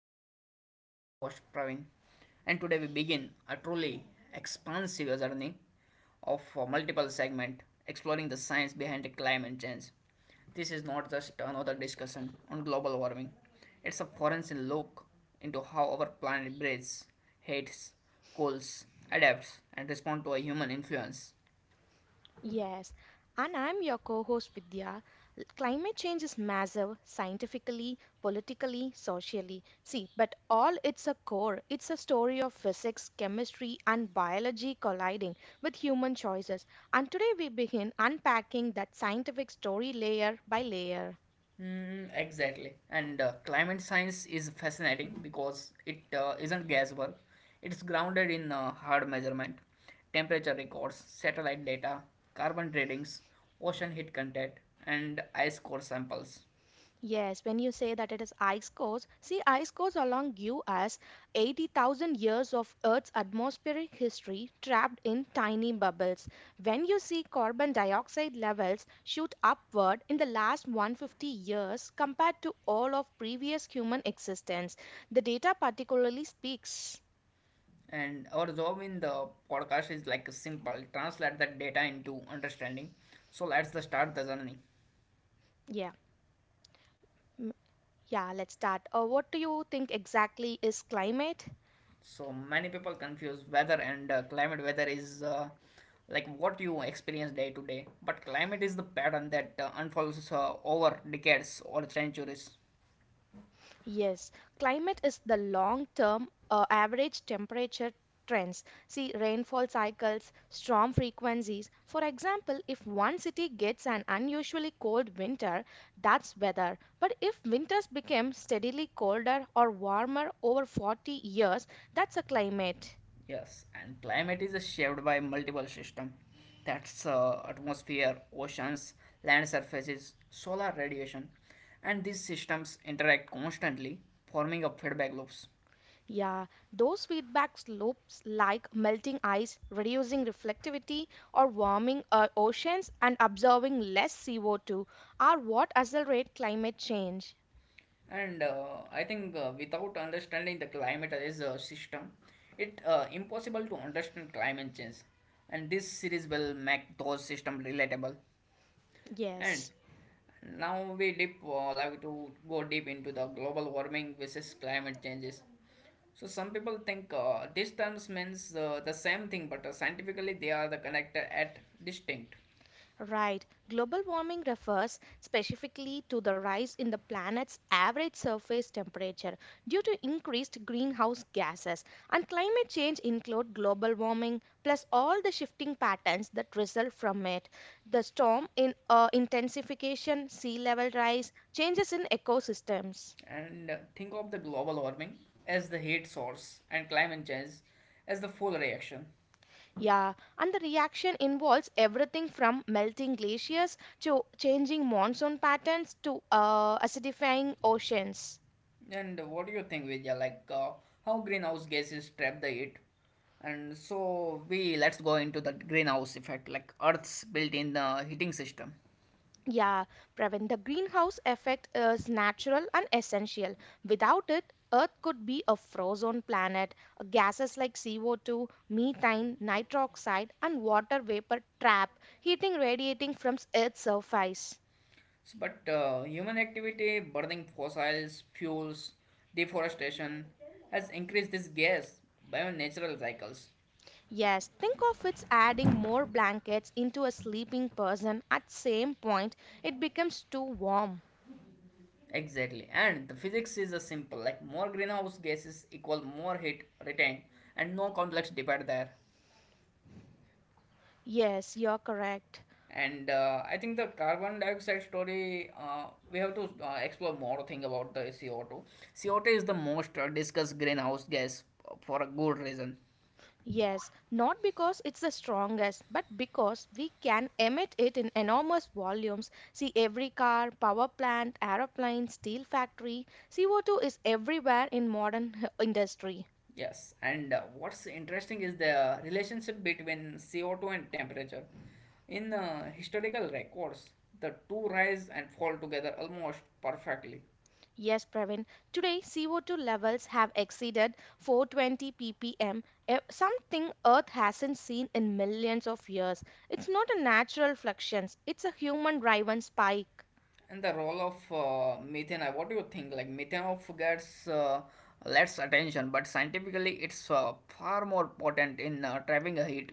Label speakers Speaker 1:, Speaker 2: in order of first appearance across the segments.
Speaker 1: episode. I'm your host Praveen, and today we begin a truly expansive journey of multiple segment exploring the science behind the climate change. This is not just another discussion on global warming; it's a forensic look into how our planet breathes, hates, cools, adapts, and responds to a human influence.
Speaker 2: Yes, and I'm your co host Vidya. Climate change is massive scientifically, politically, socially. See, but all its a core, it's a story of physics, chemistry, and biology colliding with human choices. And today we begin unpacking that scientific story layer by layer.
Speaker 1: Mm, exactly. And climate science is fascinating because it isn't guesswork. It's grounded in hard measurement, temperature records, satellite data, carbon readings, ocean heat content, and ice core samples.
Speaker 2: Yes, when you say that it is ice cores, see, ice cores along give us 80,000 years of Earth's atmospheric history trapped in tiny bubbles. When you see carbon dioxide levels shoot upward in the last 150 years compared to all of previous human existence, the data particularly speaks.
Speaker 1: And our job in the podcast is like simple translate that data into understanding. So let's the start the journey.
Speaker 2: Yeah, mm, yeah, let's start. What do you think exactly is climate?
Speaker 1: So many people confuse weather and climate. Weather is like what you experience day to day, but climate is the pattern that unfolds over decades or centuries.
Speaker 2: Yes, climate is the long-term average temperature trends. See, rainfall cycles, storm frequencies. For example, if one city gets an unusually cold winter, that's weather. But if winters become steadily colder or warmer over 40 years, that's a climate.
Speaker 1: Yes, and climate is shaped by multiple systems. That's atmosphere, oceans, land surfaces, solar radiation, and these systems interact constantly, forming a feedback loops.
Speaker 2: Yeah, those feedback slopes like melting ice, reducing reflectivity, or warming oceans and absorbing less CO2 are what accelerate climate change.
Speaker 1: And I think without understanding the climate as a system, it impossible to understand climate change. And this series will make those systems relatable. And
Speaker 2: Yes.
Speaker 1: now we deep like to go deep into the global warming versus climate changes. So some people think these terms means the same thing, but scientifically they are the connected at distinct.
Speaker 2: Right. Global warming refers specifically to the rise in the planet's average surface temperature due to increased greenhouse gases. And climate change include global warming plus all the shifting patterns that result from it. The storm in intensification, sea level rise, changes in ecosystems.
Speaker 1: And think of the global warming as the heat source and climate change as the full reaction.
Speaker 2: Yeah, and the reaction involves everything from melting glaciers to changing monsoon patterns to acidifying oceans.
Speaker 1: And what do you think, Vidya? Like how greenhouse gases trap the heat? And so we let's go into the greenhouse effect, like Earth's built-in heating system.
Speaker 2: Yeah, Pravin, the greenhouse effect is natural and essential. Without it, Earth could be a frozen planet. Gases like CO2, methane, nitroxide, and water vapor trap heating radiating from Earth's surface.
Speaker 1: So, but human activity, burning fossils, fuels, deforestation has increased this gas by natural cycles.
Speaker 2: Yes, think of it's adding more blankets into a sleeping person at same point it becomes too warm.
Speaker 1: Exactly, and the physics is a simple. Like more greenhouse gases equal more heat retained, and no complex debate there.
Speaker 2: Yes, you're correct.
Speaker 1: And I think the carbon dioxide story, we have to explore more thing about the CO2. CO2 is the most discussed greenhouse gas for a good reason.
Speaker 2: Yes, not because it's the strongest, but because we can emit it in enormous volumes. See, every car, power plant, aeroplane, steel factory, CO2 is everywhere in modern industry.
Speaker 1: Yes, and what's interesting is the relationship between CO2 and temperature. In historical records, the two rise and fall together almost perfectly.
Speaker 2: Yes, Pravin. Today, CO2 levels have exceeded 420 ppm, something Earth hasn't seen in millions of years. It's not a natural fluctuation, it's a human driven spike.
Speaker 1: And the role of methane, what do you think? Like methane of gets less attention, but scientifically it's far more potent in trapping a heat.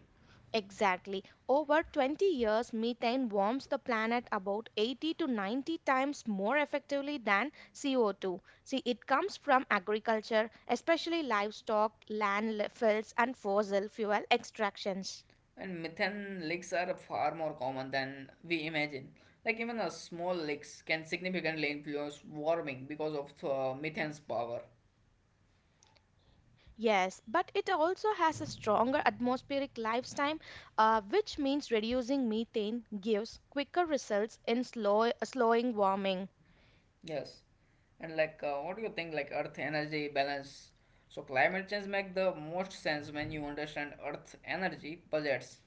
Speaker 2: Exactly. Over 20 years, methane warms the planet about 80 to 90 times more effectively than CO2. See, it comes from agriculture, especially livestock, landfills, and fossil fuel extractions.
Speaker 1: And methane leaks are far more common than we imagine. Like even a small leaks can significantly influence warming because of methane's power.
Speaker 2: Yes, but it also has a stronger atmospheric lifetime, which means reducing methane gives quicker results in slowing warming.
Speaker 1: Yes. And like, what do you think? Like Earth energy balance. So climate change make the most sense when you understand Earth energy budgets,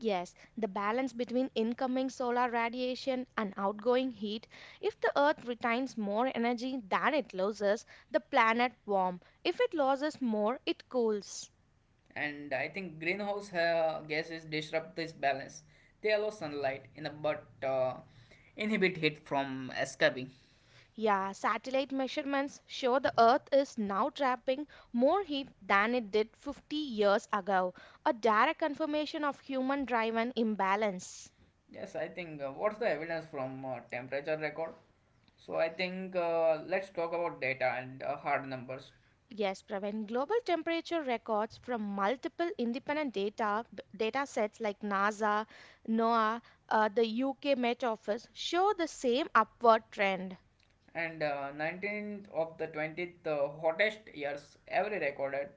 Speaker 2: Yes, the balance between incoming solar radiation and outgoing heat. If the Earth retains more energy than it loses, the planet warms. If it loses more, it cools.
Speaker 1: and I think greenhouse gases disrupt this balance. They allow sunlight in a, but inhibit heat from escaping.
Speaker 2: Yeah, satellite measurements show the Earth is now trapping more heat than it did 50 years ago, a direct confirmation of human driven imbalance.
Speaker 1: Yes, I think what's the evidence from temperature record? So I think let's talk about data and hard numbers.
Speaker 2: Yes, Praveen. Global temperature records from multiple independent data sets like NASA, NOAA, the UK Met Office show the same upward trend.
Speaker 1: And 19th of the 20th hottest years ever recorded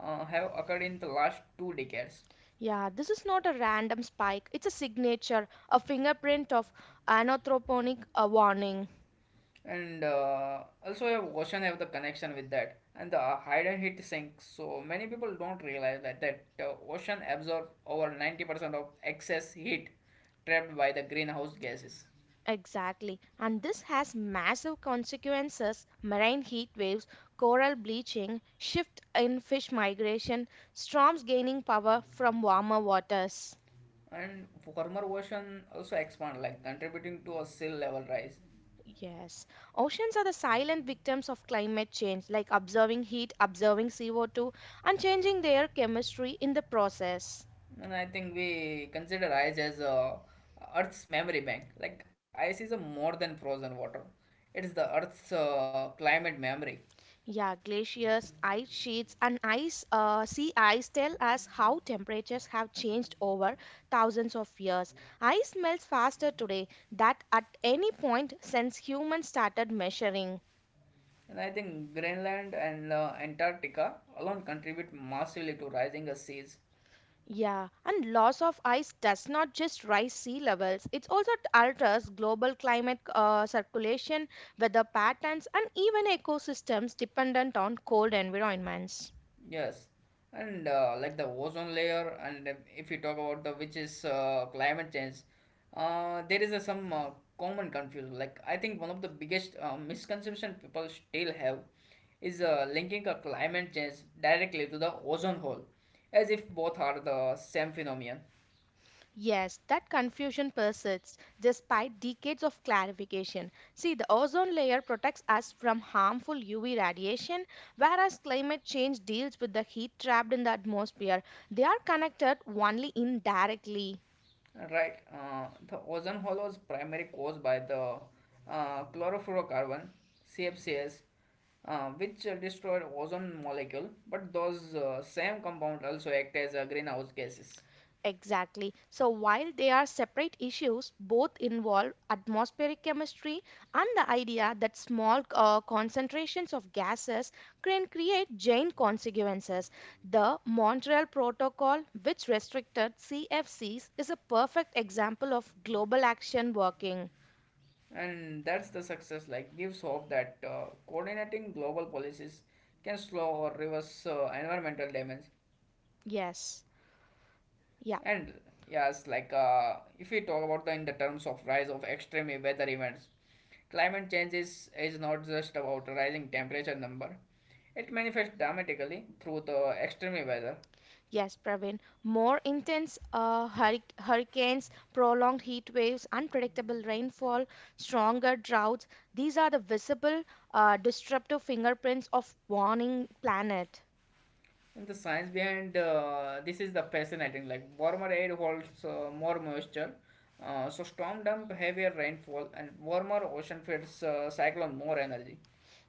Speaker 1: have occurred in the last two decades.
Speaker 2: Yeah, this is not a random spike. It's a signature, a fingerprint of anthropogenic warning.
Speaker 1: And also ocean have the connection with that and the hide and hit sink, so many people don't realize that ocean absorb over 90% of excess heat trapped by the greenhouse gases,
Speaker 2: Exactly. And this has massive consequences marine heat waves, coral bleaching, shift in fish migration, storms gaining power from warmer waters.
Speaker 1: and warmer ocean also expand like contributing to a sea level rise.
Speaker 2: Yes, oceans are the silent victims of climate change, like observing heat, observing CO2, and changing their chemistry in the process.
Speaker 1: And I think we consider ice as a earth's memory bank. Like ice is a more than frozen water, it's the earth's climate memory.
Speaker 2: Yeah, glaciers, ice sheets, and ice sea ice tell us how temperatures have changed over thousands of years. Ice melts faster today than at any point since humans started measuring.
Speaker 1: And I think Greenland and Antarctica alone contribute massively to rising seas.
Speaker 2: Yeah, and loss of ice does not just rise sea levels, it also alters global climate circulation, weather patterns, and even ecosystems dependent on cold environments.
Speaker 1: Yes, and like the ozone layer, and if you talk about the which is climate change, there is some common confusion. Like I think one of the biggest misconception people still have is linking a climate change directly to the ozone hole, as if both are the same phenomenon.
Speaker 2: Yes, that confusion persists despite decades of clarification. See, the ozone layer protects us from harmful UV radiation, whereas climate change deals with the heat trapped in the atmosphere. They are connected only indirectly.
Speaker 1: Right. The ozone hole was primarily caused by the chlorofluorocarbon (CFCs), which destroyed ozone molecule. But those same compound also act as greenhouse gases,
Speaker 2: Exactly. So while they are separate issues, both involve atmospheric chemistry and the idea that small concentrations of gases can create giant consequences. The Montreal Protocol, which restricted CFCs, is a perfect example of global action working.
Speaker 1: and that's the success. Like gives hope that coordinating global policies can slow or reverse environmental damage.
Speaker 2: Yes. Yeah.
Speaker 1: And yes, like if we talk about the in the terms of rise of extreme weather events, climate change is not just about rising temperature number. It manifests dramatically through the extreme weather.
Speaker 2: Yes, Praveen. More intense hurricanes, prolonged heat waves, unpredictable rainfall, stronger droughts. These are the visible, disruptive fingerprints of warning planet.
Speaker 1: And the science behind this is the fascinating. Like warmer air holds more moisture, so storm dump heavier rainfall, and warmer ocean feeds cyclone more energy.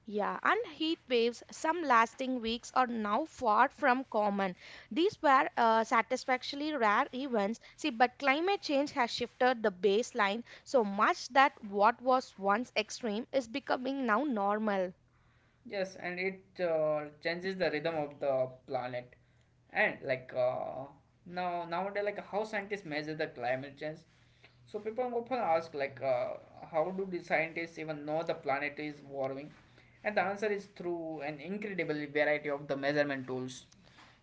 Speaker 2: Yeah, and heat waves, some lasting weeks, are now far from common. These were satisfactorily rare events. See, but climate change has shifted the baseline so much that what was once extreme is becoming now normal.
Speaker 1: Yes, and it changes the rhythm of the planet. And like now nowadays, like how scientists measure the climate change. So people often ask like, how do the scientists even know the planet is warming? And the answer is through an incredible variety of the measurement tools.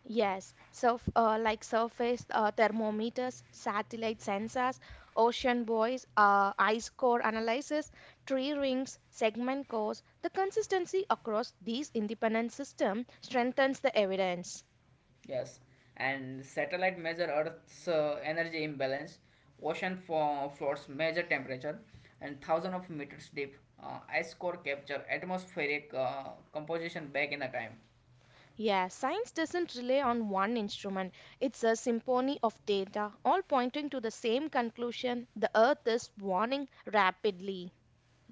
Speaker 2: Yes, like surface thermometers, satellite sensors, ocean buoys, ice core analysis, tree rings, segment cores. The consistency across these independent systems strengthens the evidence.
Speaker 1: Yes, and satellite measure Earth's energy imbalance, ocean floors measure temperature, and thousands of meters deep. Ice core capture atmospheric composition back in the time.
Speaker 2: Yeah, science doesn't rely on one instrument. It's a symphony of data, all pointing to the same conclusion. The Earth is warming rapidly.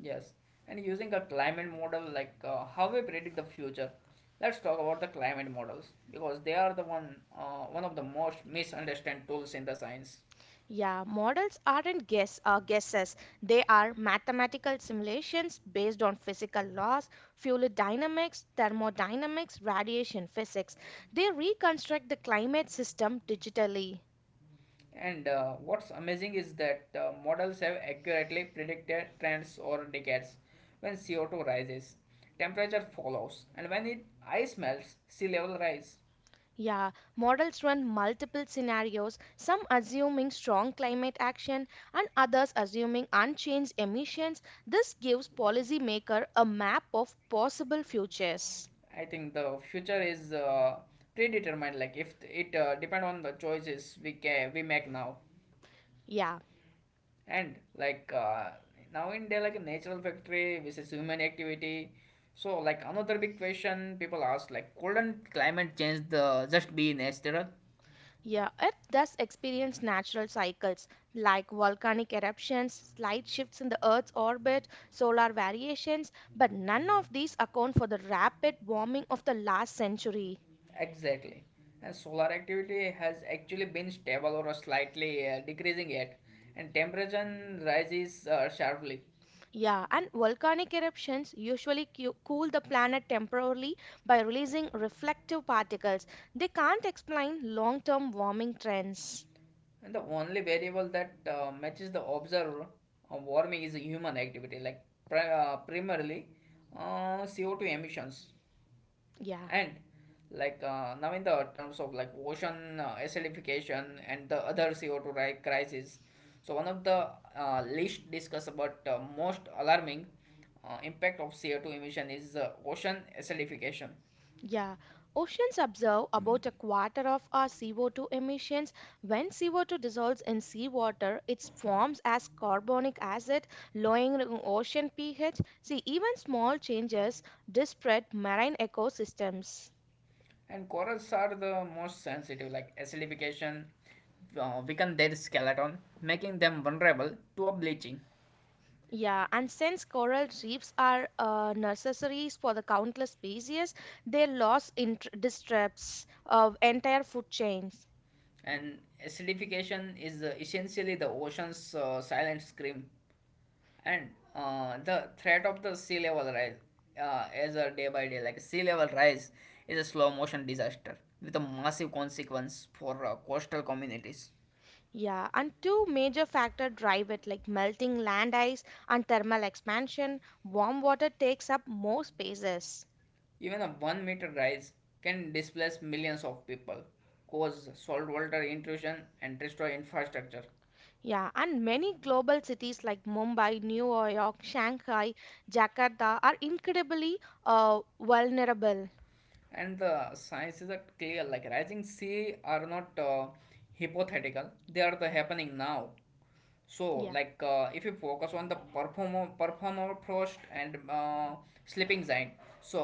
Speaker 1: Yes, and using a climate model like how we predict the future. Let's talk about the climate models because they are the one one of the most misunderstood tools in the science.
Speaker 2: Yeah, models aren't guesses. They are mathematical simulations based on physical laws, fluid dynamics, thermodynamics, radiation physics. They reconstruct the climate system digitally.
Speaker 1: And what's amazing is that models have accurately predicted trends over decades. When CO2 rises, temperature follows, and when it ice melts, sea level rise.
Speaker 2: Yeah, models run multiple scenarios, some assuming strong climate action and others assuming unchanged emissions. This gives policymaker a map of possible futures.
Speaker 1: I think the future is predetermined. Like if it depend on the choices we make now,
Speaker 2: Yeah.
Speaker 1: and like now in day like a natural factory versus human activity. So like another big question people ask like couldn't climate change the just be natural?
Speaker 2: Yeah, Earth does experience natural cycles like volcanic eruptions, slight shifts in the Earth's orbit, solar variations, but none of these account for the rapid warming of the last century.
Speaker 1: Exactly. And solar activity has actually been stable or slightly decreasing yet, and temperature rises sharply.
Speaker 2: Yeah, and volcanic eruptions usually cool the planet temporarily by releasing reflective particles. They can't explain long term warming trends.
Speaker 1: And the only variable that matches the observed warming is human activity, like primarily CO2 emissions.
Speaker 2: Yeah.
Speaker 1: And like now in the terms of like ocean acidification and the other CO2 crisis, so one of the least discussed but most alarming impact of CO2 emission is ocean acidification.
Speaker 2: Yeah, oceans absorb about a quarter of our CO2 emissions. When CO2 dissolves in seawater, it forms as carbonic acid, lowering ocean pH. See, even small changes disrupt marine ecosystems.
Speaker 1: And corals are the most sensitive, like acidification weaken their skeleton, making them vulnerable to a bleaching.
Speaker 2: Yeah, and since coral reefs are necessaries for the countless species, their loss disrupts entire food chains.
Speaker 1: And acidification is essentially the ocean's silent scream. And the threat of the sea level rise, as a day by day, like sea level rise, is a slow motion disaster with a massive consequence for coastal communities.
Speaker 2: Yeah, and two major factors drive it like melting land ice and thermal expansion. Warm water takes up more spaces.
Speaker 1: Even a 1 meter rise can displace millions of people, cause saltwater intrusion, and destroy infrastructure.
Speaker 2: Yeah, and many global cities like Mumbai, New York, Shanghai, Jakarta are incredibly vulnerable.
Speaker 1: And the sciences are clear, like rising sea are not hypothetical, they are the happening now. So
Speaker 2: Yeah,
Speaker 1: like if you focus on the perform, permafrost and sleeping giant, so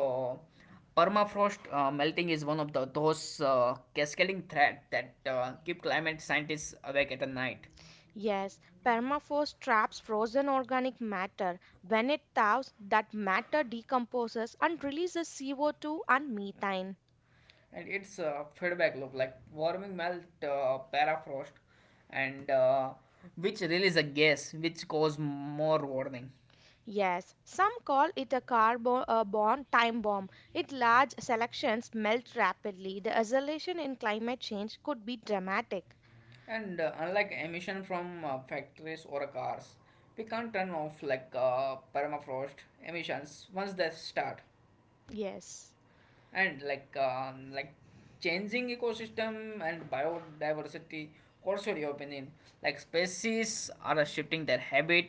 Speaker 1: permafrost melting is one of the those cascading threat that keep climate scientists awake at the night.
Speaker 2: yes, permafrost traps frozen organic matter. When it thaws, that matter decomposes and releases CO2 and methane.
Speaker 1: And it's a feedback loop, like warming melt parafrost and which release a gas which cause more warming.
Speaker 2: Yes, some call it a carbon born time bomb. Its large selections melt rapidly. The isolation in climate change could be dramatic.
Speaker 1: And unlike emission from factories or cars, we can't turn off like permafrost emissions once they start.
Speaker 2: Yes.
Speaker 1: And like changing ecosystem and biodiversity, also your opinion, like species are shifting their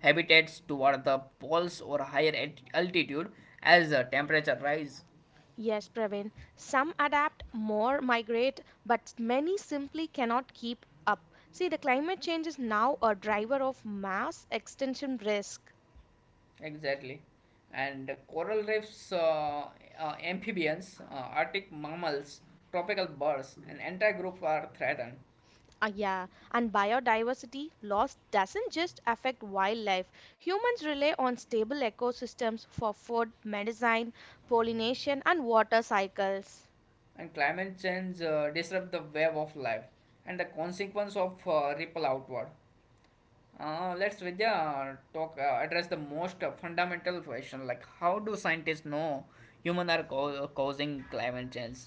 Speaker 1: habitats toward the poles or higher altitude as the temperature rise.
Speaker 2: Yes, Praveen. Some adapt, more migrate, but many simply cannot keep up. See, the climate change is now a driver of mass extinction risk.
Speaker 1: Exactly, and coral reefs amphibians, arctic mammals, tropical birds and entire group are threatened.
Speaker 2: Yeah, and biodiversity loss doesn't just affect wildlife. Humans rely on stable ecosystems for food, medicine, pollination, and water cycles.
Speaker 1: And climate change disrupt the web of life and the consequence of ripple outward. Let's Vidya talk address the most fundamental question, like how do scientists know human are causing climate change?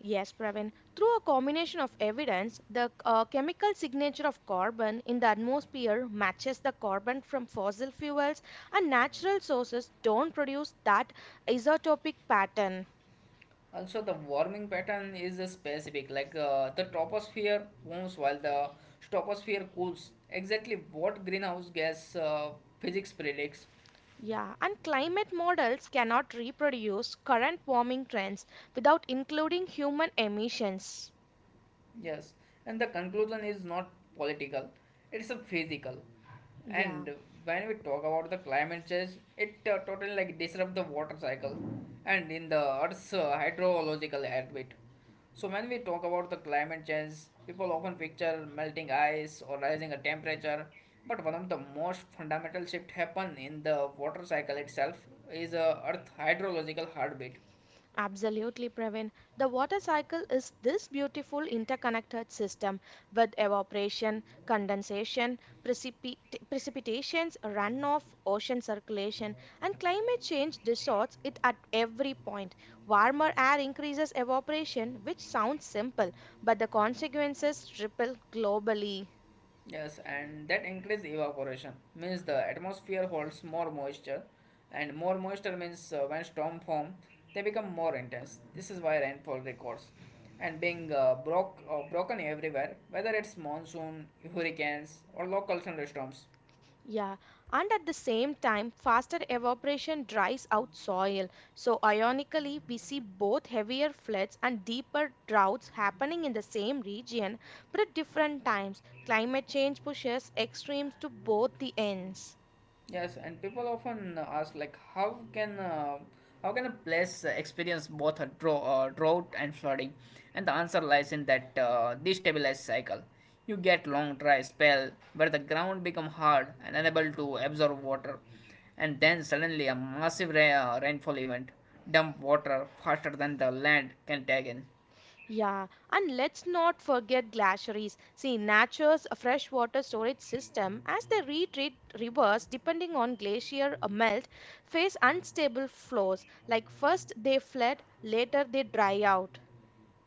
Speaker 2: Yes, Pravin. Through a combination of evidence, the chemical signature of carbon in the atmosphere matches the carbon from fossil fuels, and natural sources don't produce that isotopic pattern.
Speaker 1: Also, the warming pattern is specific. Like the troposphere warms while the stratosphere cools. Exactly what greenhouse gas physics predicts?
Speaker 2: Yeah, and climate models cannot reproduce current warming trends without including human emissions.
Speaker 1: Yes, and the conclusion is not political, it's a physical.
Speaker 2: Yeah,
Speaker 1: And when we talk about the climate change, it totally like disrupt the water cycle and in the Earth's hydrological orbit. So when we talk about the climate change, people often picture melting ice or rising a temperature, but one of the most fundamental shift happen in the water cycle itself is Earth hydrological heartbeat.
Speaker 2: absolutely, Praveen. The water cycle is this beautiful interconnected system with evaporation, condensation, precipit- precipitations, runoff, ocean circulation, and climate change distorts it at every point. Warmer air increases evaporation, which sounds simple, but the consequences ripple globally.
Speaker 1: Yes, and that increases evaporation. Means the atmosphere holds more moisture, and more moisture means when storm form, they become more intense. This is why rainfall records, and being broken everywhere, whether it's monsoon, hurricanes, or local thunderstorms.
Speaker 2: Yeah, and at the same time, faster evaporation dries out soil. So, ironically, we see both heavier floods and deeper droughts happening in the same region but at different times. Climate change pushes extremes to both the ends.
Speaker 1: Yes, and people often ask like, how can a place experience both a drought and flooding? And the answer lies in that destabilized cycle. You get long dry spell where the ground become hard and unable to absorb water, and then suddenly a massive rainfall event dump water faster than the land can take in.
Speaker 2: Yeah, and let's not forget glaciers. See, nature's freshwater storage system, as they retreat rivers depending on glacier melt, face unstable flows. Like first they flood, later they dry out.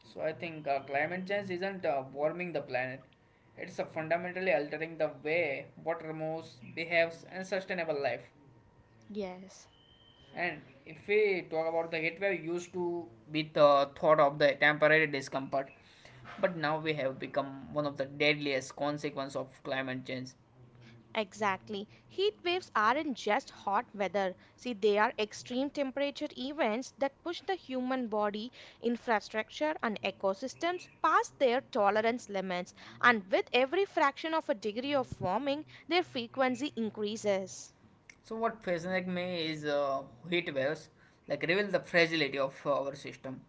Speaker 1: So I think climate change isn't warming the planet. It's fundamentally altering the way water moves, behaves, and sustainable life.
Speaker 2: Yes.
Speaker 1: And if we talk about the heat wave, used to be the thought of the temporary discomfort, but now we have become one of the deadliest consequences of climate change.
Speaker 2: Exactly. Heat waves aren't just hot weather. See, they are extreme temperature events that push the human body, infrastructure, and ecosystems past their tolerance limits. And with every fraction of a degree of warming, their frequency increases.
Speaker 1: So what fascinates me is heat waves, like reveal the fragility of our system.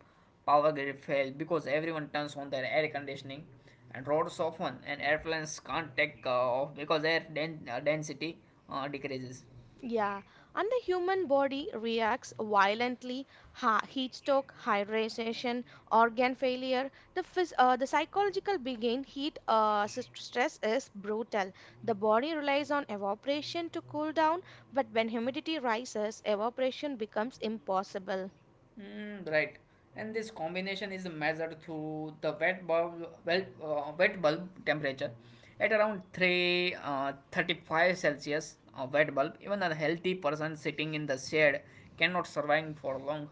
Speaker 1: Power grid fail because everyone turns on their air conditioning, and roads often and airplanes can't take off because their density decreases.
Speaker 2: Yeah, and the human body reacts violently, heat stroke, hydration, organ failure. The psychological begin heat stress is brutal. The body relies on evaporation to cool down, but when humidity rises, evaporation becomes impossible.
Speaker 1: Mm, right, and this combination is measured through the wet bulb, wet bulb temperature at around 3 uh, 35 Celsius wet bulb, even a healthy person sitting in the shade cannot survive for long.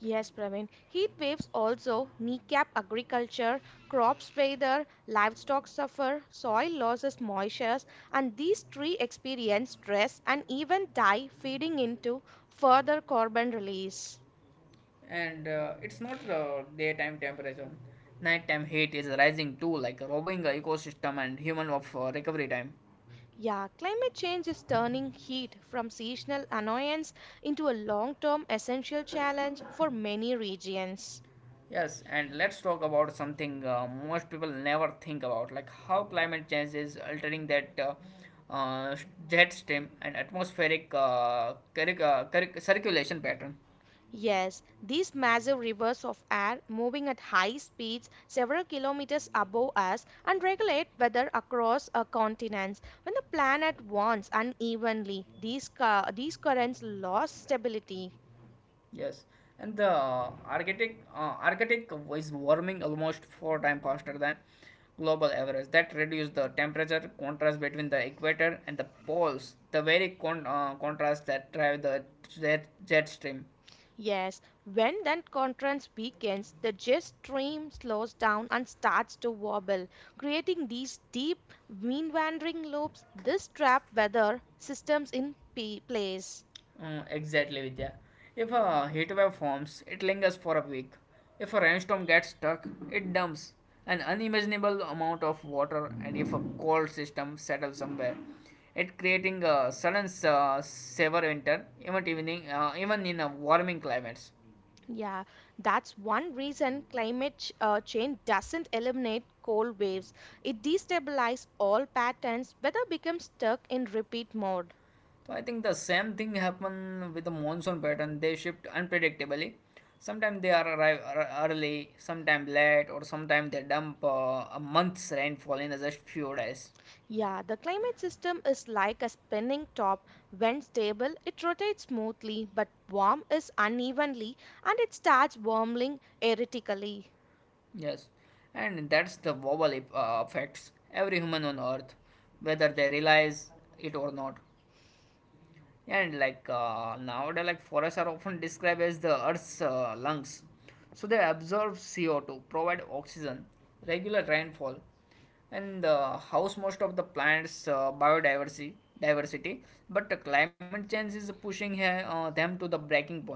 Speaker 2: Yes, Praveen. Heat waves also kneecap agriculture, crops wither, livestock suffer, soil loses moisture, and these trees experience stress and even die, feeding into further carbon release.
Speaker 1: And it's not daytime temperature. Nighttime heat is rising too, like robbing the ecosystem and human of recovery time.
Speaker 2: Yeah, climate change is turning heat from seasonal annoyance into a long term essential challenge for many regions.
Speaker 1: Yes, and let's talk about something most people never think about, like how climate change is altering that uh, jet stream and atmospheric circulation pattern.
Speaker 2: Yes, these massive rivers of air moving at high speeds several kilometers above us and regulate weather across a continents. When the planet wants unevenly, these currents lose stability.
Speaker 1: Yes, and the Arctic is warming almost four times faster than global average. That reduces the temperature contrast between the equator and the poles, the very contrast that drive the jet stream.
Speaker 2: Yes, when that contrast weakens, the jet stream slows down and starts to wobble, creating these deep, mean wandering loops. This trap weather systems in place.
Speaker 1: Mm, exactly, Vidya. If a heat wave forms, it lingers for a week. If a rainstorm gets stuck, it dumps an unimaginable amount of water, and if a cold system settles somewhere, it creating a sudden severe winter, even evening, even in a warming climates.
Speaker 2: Yeah, that's one reason climate change doesn't eliminate cold waves. It destabilizes all patterns, weather becomes stuck in repeat mode.
Speaker 1: So I think the same thing happen with the monsoon pattern. They shift unpredictably. Sometimes they are early, sometimes late, or sometimes they dump a month's rainfall in just few days.
Speaker 2: Yeah, the climate system is like a spinning top. When stable, it rotates smoothly, but warm is unevenly and it starts warming erratically.
Speaker 1: Yes, and that's the wobble affects every human on earth, whether they realize it or not. And like nowadays, like forests are often described as the earth's lungs, so they absorb CO2, provide oxygen, regular rainfall, and house most of the plants' biodiversity. Diversity, but the climate change is pushing them to the breaking point.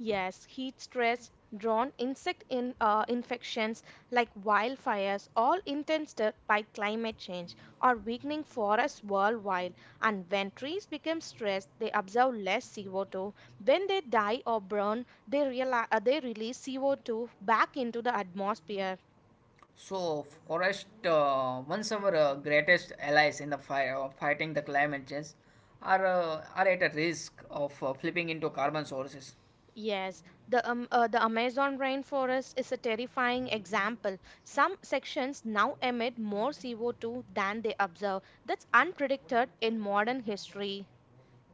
Speaker 2: Yes, heat stress, drone insect infections like wildfires, all intensed by climate change, are weakening forests worldwide. And when trees become stressed, they absorb less CO2. When they die or burn, they release CO2 back into the atmosphere.
Speaker 1: So, forest once our greatest allies in the fighting the climate change are at a risk of flipping into carbon sources.
Speaker 2: Yes, the Amazon rainforest is a terrifying example. Some sections now emit more CO2 than they absorb. That's unpredicted in modern history.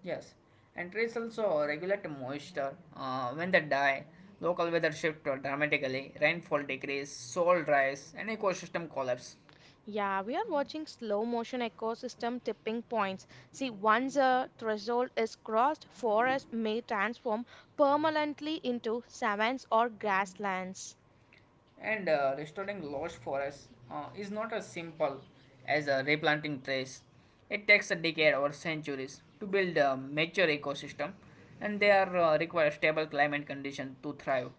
Speaker 1: Yes, and trees also regulate moisture. When they die, local weather shift dramatically, rainfall decrease, soil rise, and ecosystem collapse.
Speaker 2: Yeah, we are watching slow motion ecosystem tipping points. See, once a threshold is crossed, forests may transform permanently into savannas or grasslands.
Speaker 1: And restoring lost forests is not as simple as replanting trees. It takes a decade or centuries to build a mature ecosystem, and they are require stable climate condition to thrive.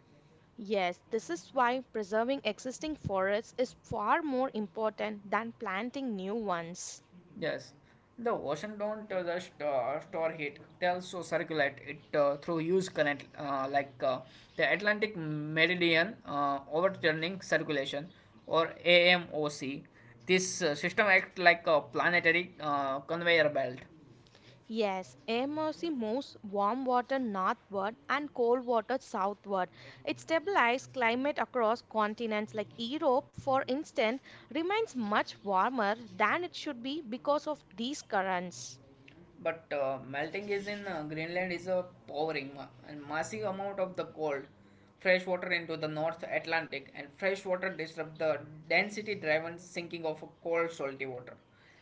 Speaker 2: Yes, this is why preserving existing forests is far more important than planting new ones.
Speaker 1: Yes, the ocean don't just store heat; they also circulate it through huge current, like the Atlantic Meridian Overturning Circulation, or AMOC. This system acts like a planetary conveyor belt.
Speaker 2: Yes, MRC moves warm water northward and cold water southward. It stabilizes climate across continents like Europe, for instance, remains much warmer than it should be because of these currents.
Speaker 1: But melting is in Greenland is a powering ma- and massive amount of the cold fresh water into the North Atlantic, and fresh water disrupt the density driven sinking of a cold salty water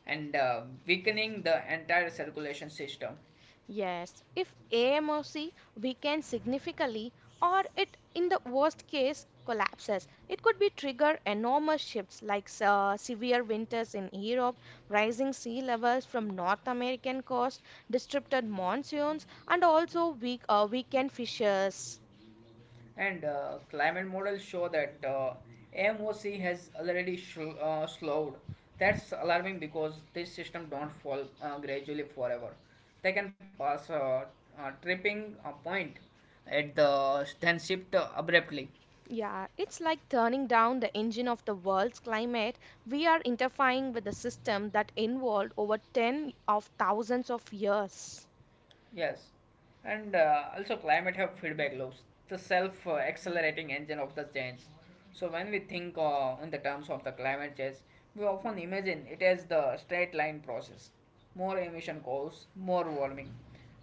Speaker 1: and weakening the entire circulation system.
Speaker 2: Yes, if AMOC weakens significantly or it in the worst case collapses, it could be trigger enormous shifts like severe winters in Europe, rising sea levels from North American coast, disrupted monsoons and also weakened fishes.
Speaker 1: And climate models show that MOC has already slowed. That's alarming because this system don't fall gradually forever. They can pass a tripping point at the then shift abruptly.
Speaker 2: Yeah, it's like turning down the engine of the world's climate. We are interfering with a system that evolved over 10 of thousands of years.
Speaker 1: Yes, and also climate have feedback loops, the self-accelerating engine of the change. So when we think in the terms of the climate change, we often imagine it as the straight line process, more emission cause, more warming.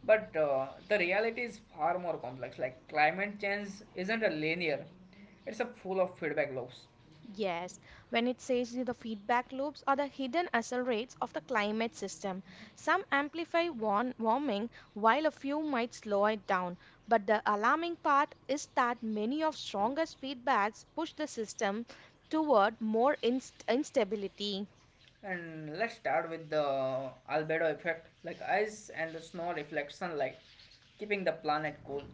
Speaker 1: But the reality is far more complex. Like climate change isn't a linear; it's a full of feedback loops.
Speaker 2: Yes, when it says the feedback loops are the hidden accelerates of the climate system. Some amplify warming while a few might slow it down. But the alarming part is that many of strongest feedbacks push the system toward more instability.
Speaker 1: And let's start with the albedo effect, like ice and the snow reflects sunlight, keeping the planet cool.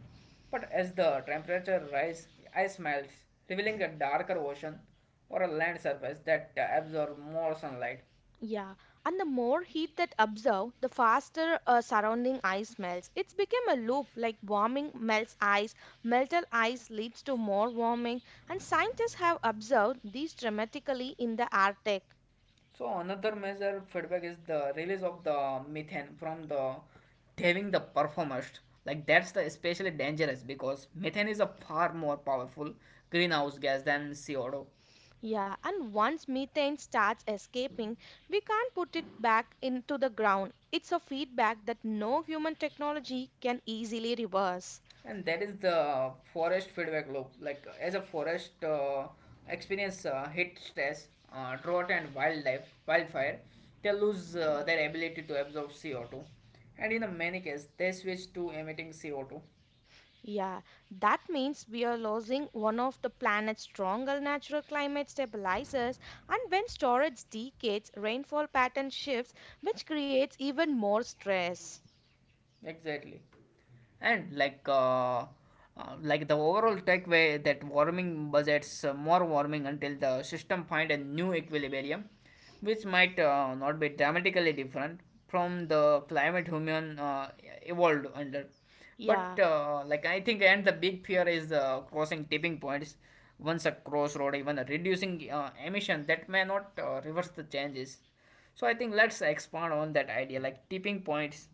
Speaker 1: But as the temperature rises, ice melts, revealing a darker ocean or a land surface that absorbs more sunlight.
Speaker 2: Yeah, and the more heat that absorb, the faster surrounding ice melts. It's become a loop like warming melts ice, melted ice leads to more warming, and scientists have observed these dramatically in the Arctic.
Speaker 1: So another major feedback is the release of the methane from the diving the performers. Like that's the especially dangerous because methane is a far more powerful greenhouse gas than CO2.
Speaker 2: Yeah, and once methane starts escaping, we can't put it back into the ground. It's a feedback that no human technology can easily reverse.
Speaker 1: And that is the forest feedback loop. Like as a forest experience heat stress, drought, and wildlife wildfire, they lose their ability to absorb CO2, and in the many cases they switch to emitting CO2.
Speaker 2: Yeah, that means we are losing one of the planet's stronger natural climate stabilizers, and when storage decays, rainfall pattern shifts, which creates even more stress.
Speaker 1: Exactly. And like the overall takeaway that warming budgets more warming until the system find a new equilibrium, which might not be dramatically different from the climate human evolved under. But
Speaker 2: Yeah,
Speaker 1: like I think and the big fear is crossing tipping points. Once a crossroad, even a reducing emission that may not reverse the changes. So I think let's expand on that idea, like tipping points.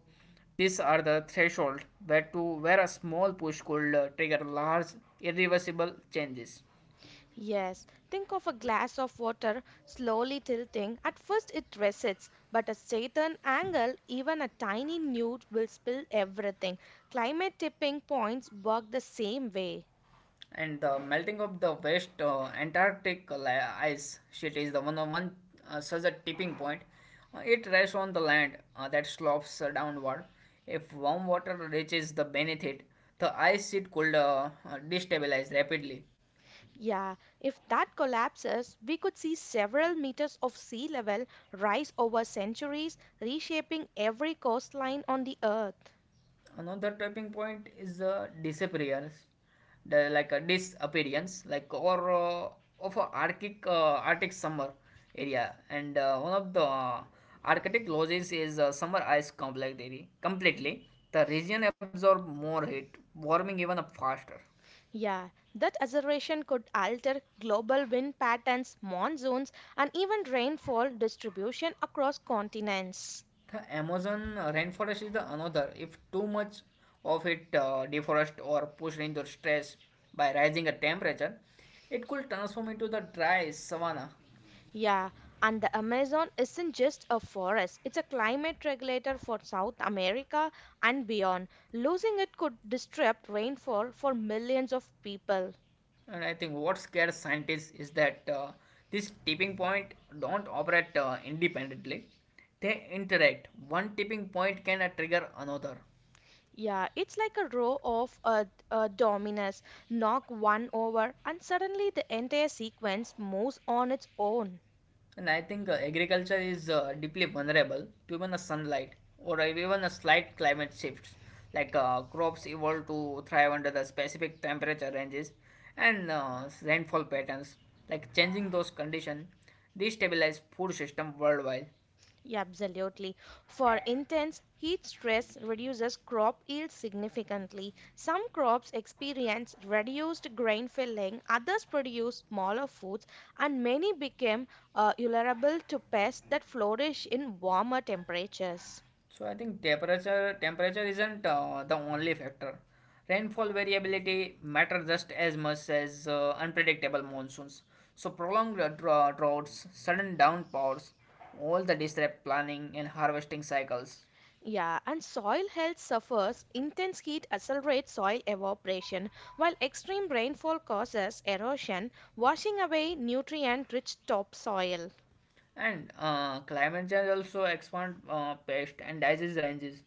Speaker 1: These are the threshold where to where a small push could trigger large irreversible changes.
Speaker 2: yes. Think of a glass of water slowly tilting. At first, it resists, but a certain angle, even a tiny newt, will spill everything. Climate tipping points work the same way.
Speaker 1: And the melting of the West Antarctic ice sheet is the one of one such a tipping point. It rests on the land that slopes downward. If warm water reaches the beneath it, the ice sheet could destabilize rapidly.
Speaker 2: Yeah, if that collapses, we could see several meters of sea level rise over centuries, reshaping every coastline on the earth.
Speaker 1: Another typing point is disappearance, the, like a disappearance, like or of a Arctic summer area, and one of the Arctic losses is summer ice completely. Completely, the region absorb more heat, warming even up faster.
Speaker 2: Yeah, that acceleration could alter global wind patterns, monsoons, and even rainfall distribution across continents.
Speaker 1: The Amazon rainforest is the another. If too much of it deforest or pushed into stress by rising a temperature, it could transform into the dry savanna.
Speaker 2: Yeah, and the Amazon isn't just a forest, it's a climate regulator for South America and beyond. Losing it could disrupt rainfall for millions of people.
Speaker 1: And I think what scares scientists is that this tipping point don't operate independently. They interact. One tipping point can trigger another.
Speaker 2: Yeah, it's like a row of dominoes. Knock one over, and suddenly the entire sequence moves on its own.
Speaker 1: And I think agriculture is deeply vulnerable to even the sunlight or even a slight climate shifts. Like crops evolve to thrive under the specific temperature ranges and rainfall patterns. Like changing those conditions destabilize food system worldwide.
Speaker 2: Yeah, absolutely. For intense heat stress reduces crop yield significantly. Some crops experience reduced grain filling, others produce smaller foods, and many become vulnerable to pests that flourish in warmer temperatures.
Speaker 1: So I think temperature isn't the only factor. Rainfall variability matter just as much as unpredictable monsoons. So prolonged droughts, sudden downpours, all the disrupt planning and harvesting cycles.
Speaker 2: Yeah, and soil health suffers. Intense heat accelerates soil evaporation, while extreme rainfall causes erosion, washing away nutrient rich topsoil.
Speaker 1: And climate change also expand pest and disease ranges.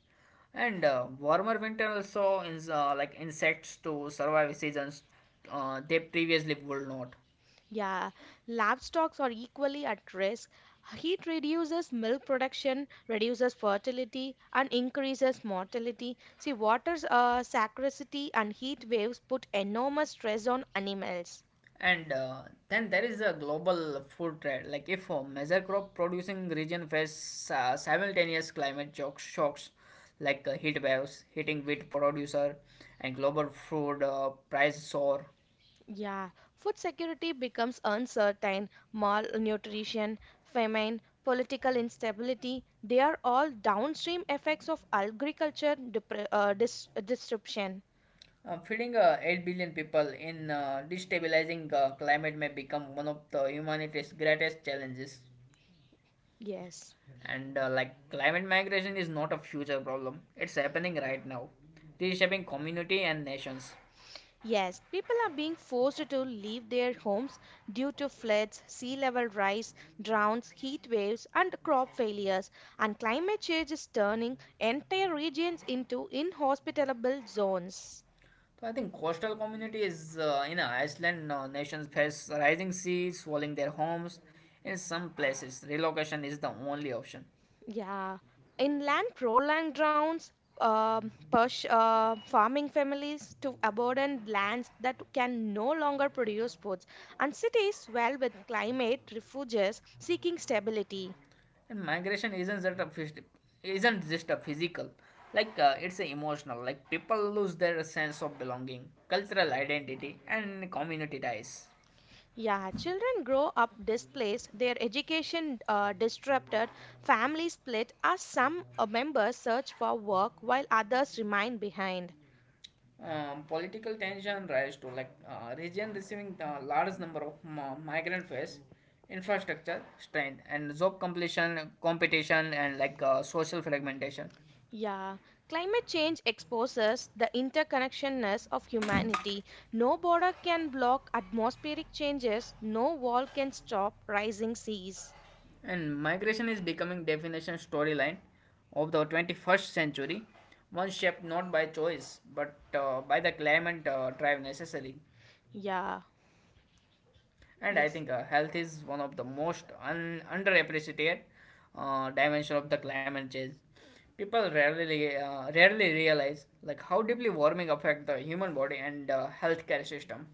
Speaker 1: And warmer winter also is like insects to survive seasons they previously would not.
Speaker 2: Yeah, livestock are equally at risk. Heat reduces milk production, reduces fertility, and increases mortality. See, water's scarcity and heat waves put enormous stress on animals.
Speaker 1: And then there is a global food trade. Like if a major crop producing region face simultaneous climate shocks like heat waves hitting wheat producer and global food price soar,
Speaker 2: Yeah, food security becomes uncertain, malnutrition, famine, political instability, they are all downstream effects of agriculture disruption.
Speaker 1: feeding 8 billion people in destabilizing climate may become one of the humanity's greatest challenges.
Speaker 2: Yes.
Speaker 1: And like climate migration is not a future problem; it's happening right now, reshaping community and nations.
Speaker 2: Yes, people are being forced to leave their homes due to floods, sea level rise, droughts, heat waves, and crop failures. And climate change is turning entire regions into inhospitable zones.
Speaker 1: So I think coastal communities in Iceland nations face rising sea swallowing their homes. In some places, relocation is the only option,
Speaker 2: Yeah, inland troll and drowns push farming families to abandon lands that can no longer produce foods, and cities swell with climate refuges seeking stability.
Speaker 1: and migration isn't just a physical, like it's a emotional. Like people lose their sense of belonging, cultural identity, and community ties.
Speaker 2: Yeah, children grow up displaced, their education disrupted, families split as some members search for work while others remain behind.
Speaker 1: Political tension rise to like region receiving the large number of migrant face infrastructure strain and job completion competition and like social fragmentation.
Speaker 2: Yeah, climate change exposes the interconnectedness of humanity. No border can block atmospheric changes, no wall can stop rising seas.
Speaker 1: And migration is becoming definition storyline of the 21st century, one shaped not by choice but by the climate drive necessary.
Speaker 2: Yeah,
Speaker 1: And I
Speaker 2: yes.
Speaker 1: think health is one of the most underappreciated dimension of the climate change. People rarely realize like how deeply warming affect the human body and healthcare system.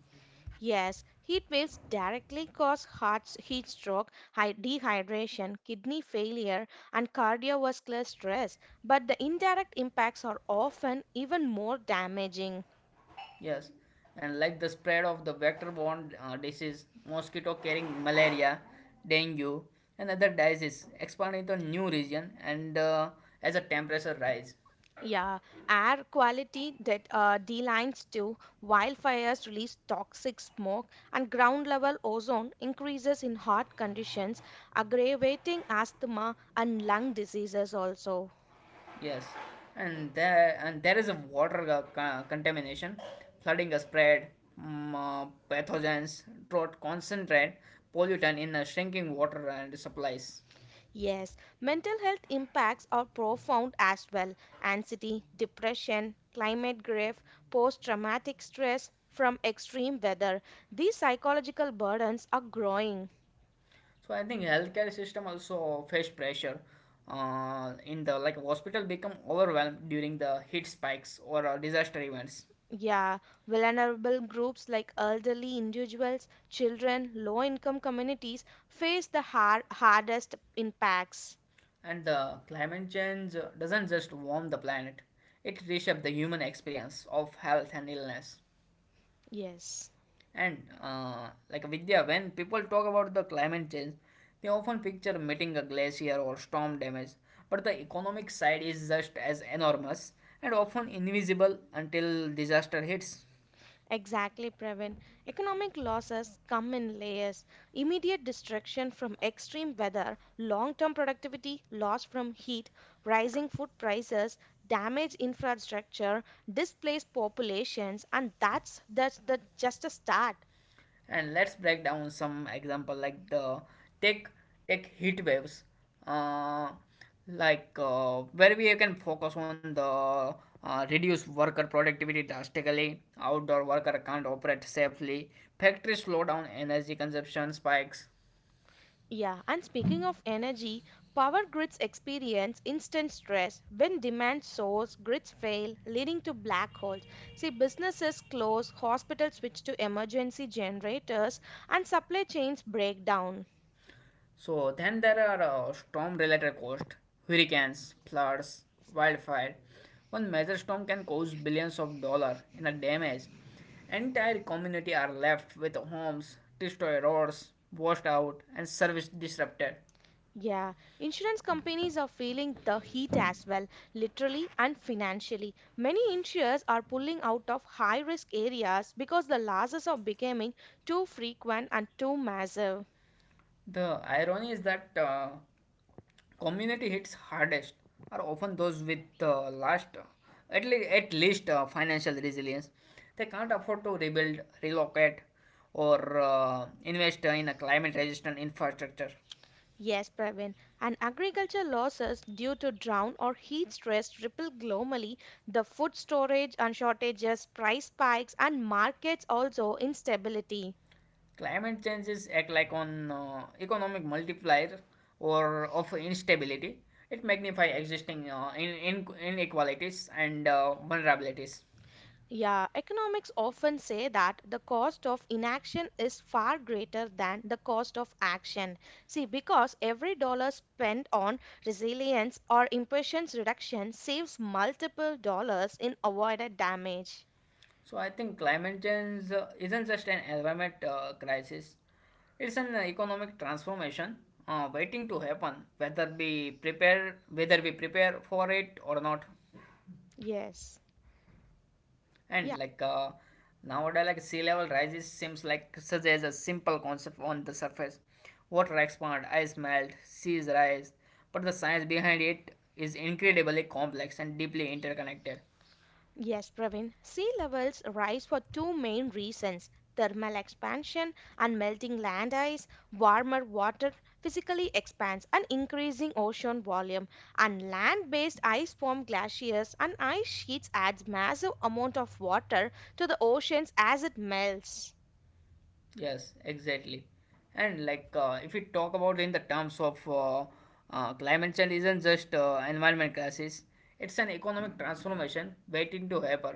Speaker 2: Yes, heat waves directly cause heart heat stroke, dehydration, kidney failure, and cardiovascular stress, but the indirect impacts are often even more damaging.
Speaker 1: Yes, and like the spread of the vector-borne disease mosquito carrying malaria, dengue, and other diseases expanding to new region and as the temperature rise.
Speaker 2: Yeah, air quality that declines too. Wildfires release toxic smoke, and ground level ozone increases in hot conditions, aggravating asthma and lung diseases also.
Speaker 1: Yes, and there is a water contamination, flooding is spread, pathogens, drought concentrate, pollutant in shrinking water and supplies.
Speaker 2: Yes, mental health impacts are profound as well. Anxiety, depression, climate grief, post-traumatic stress from extreme weather. These psychological burdens are growing.
Speaker 1: So I think healthcare system also face pressure. In the like hospital become overwhelmed during the heat spikes or disaster events,
Speaker 2: Yeah, vulnerable groups like elderly individuals, children, low income communities face the hardest impacts.
Speaker 1: and the climate change doesn't just warm the planet; it reshapes the human experience of health and illness.
Speaker 2: Yes,
Speaker 1: And like Vidya, when people talk about the climate change, they often picture melting a glacier or storm damage, but the economic side is just as enormous and often invisible until disaster hits.
Speaker 2: exactly, Pravin. Economic losses come in layers. Immediate destruction from extreme weather, long term productivity loss from heat, rising food prices, damaged infrastructure, displaced populations, and that's the just a start.
Speaker 1: And let's break down some example like the take take heat waves uh, like where we can focus on the reduce worker productivity drastically. Outdoor worker can't operate safely, factories slow down, energy consumption spikes.
Speaker 2: Yeah, and speaking of energy, power grids experience instant stress. When demand soars, grids fail, leading to black holes. See, businesses close, hospitals switch to emergency generators, and supply chains break down.
Speaker 1: So then there are storm-related costs, hurricanes, floods, wildfire. One major storm can cause billions of dollars in a damage. Entire community are left with homes, destroyed roads, washed out, and service disrupted.
Speaker 2: Yeah, insurance companies are feeling the heat as well, literally and financially. Many insurers are pulling out of high risk areas because the losses are becoming too frequent and too massive.
Speaker 1: The irony is that community hits hardest are often those with last, at least financial resilience. They can't afford to rebuild, relocate, or invest in a climate resistant infrastructure.
Speaker 2: Yes, Pravin. And agriculture losses due to drought or heat stress ripple globally. The food storage and shortages, price spikes, and markets also instability.
Speaker 1: Climate changes act like an economic multiplier or of instability. It magnifies existing inequalities and vulnerabilities.
Speaker 2: Yeah, economics often say that the cost of inaction is far greater than the cost of action. See, because every dollar spent on resilience or emissions reduction saves multiple dollars in avoided damage.
Speaker 1: So I think climate change isn't just an environment crisis; it's an economic transformation waiting to happen. Whether we prepare for it or not,
Speaker 2: Yes. Yeah.
Speaker 1: and nowadays, like sea level rises seems like such as a simple concept on the surface. Water expand, ice melt, seas rise, but the science behind it is incredibly complex and deeply interconnected.
Speaker 2: Yes, Praveen. Sea levels rise for two main reasons thermal expansion and melting land ice, warmer water physically expands and increasing ocean volume, and land-based ice form glaciers and ice sheets adds massive amount of water to the oceans as it melts.
Speaker 1: Yes, exactly. And like if we talk about in the terms of climate change isn't just environment crisis, it's an economic transformation waiting to happen,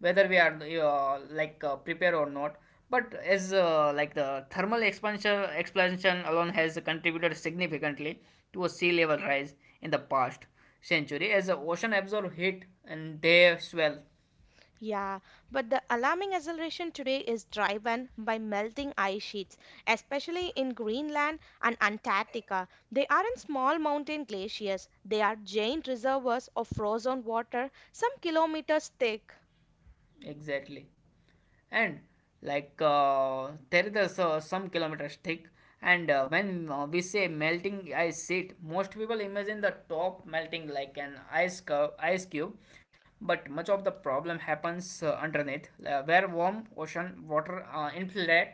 Speaker 1: whether we are prepared or not. But as like the thermal expansion alone has contributed significantly to a sea level rise in the past century as the ocean absorb heat and they swell.
Speaker 2: Yeah, but the alarming acceleration today is driven by melting ice sheets, especially in Greenland and Antarctica. They aren't small mountain glaciers, they are giant reservoirs of frozen water, some kilometers thick.
Speaker 1: Exactly. And there is some kilometers thick and when we say melting ice sheet, most people imagine the top melting like an ice cube, but much of the problem happens underneath where warm ocean water infiltrate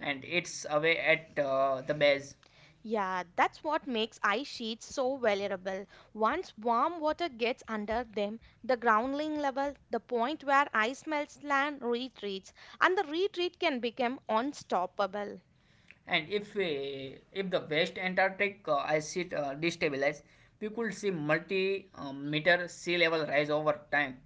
Speaker 1: and it's away at the base.
Speaker 2: Yeah, that's what makes ice sheets so vulnerable. Once warm water gets under them, the grounding level, the point where ice melts, land retreats, and the retreat can become unstoppable.
Speaker 1: And if we, If the West Antarctic ice sheet destabilized, we could see multi-meter sea level rise over time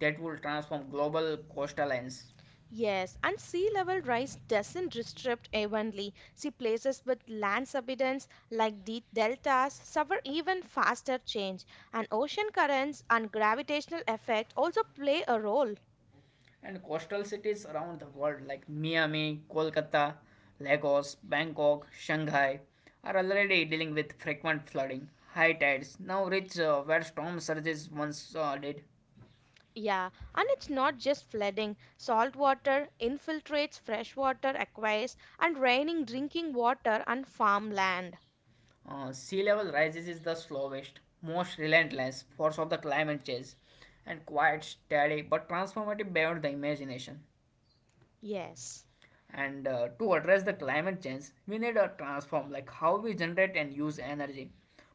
Speaker 1: that will transform global coastal lines.
Speaker 2: Yes, and sea level rise doesn't restrict evenly. See, places with land subsidence like the deltas suffer even faster change, and ocean currents and gravitational effect also play a role.
Speaker 1: And coastal cities around the world like Miami, Kolkata, Lagos, Bangkok, Shanghai are already dealing with frequent flooding, high tides now reach where storm surges once did.
Speaker 2: Yeah, and it's not just flooding. Salt water infiltrates freshwater aquifers and raining drinking water and farmland.
Speaker 1: Sea level rises is the slowest, most relentless force of the climate change, and quite steady but transformative beyond the imagination.
Speaker 2: Yes.
Speaker 1: And to address the climate change, we need a transform like how we generate and use energy.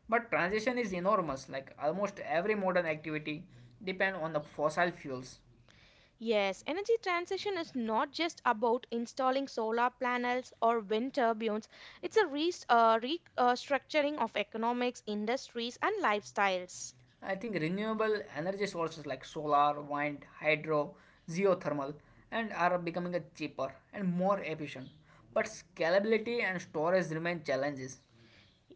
Speaker 1: But transition is enormous, like almost every modern activity depend on the fossil fuels.
Speaker 2: Yes, energy transition is not just about installing solar panels or wind turbines. It's a restructuring of economics, industries, and lifestyles.
Speaker 1: I think renewable energy sources like solar, wind, hydro, geothermal, and are becoming a cheaper and more efficient. But scalability and storage remain challenges.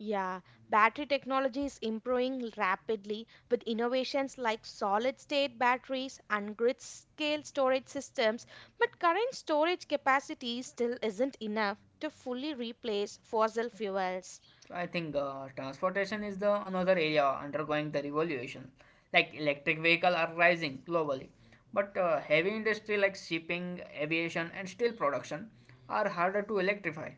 Speaker 2: Yeah, battery technology is improving rapidly with innovations like solid state batteries and grid scale storage systems, but current storage capacity still isn't enough to fully replace fossil fuels.
Speaker 1: So I think transportation is the another area undergoing the revolution. Like electric vehicle are rising globally, but heavy industry like shipping, aviation, and steel production are harder to electrify.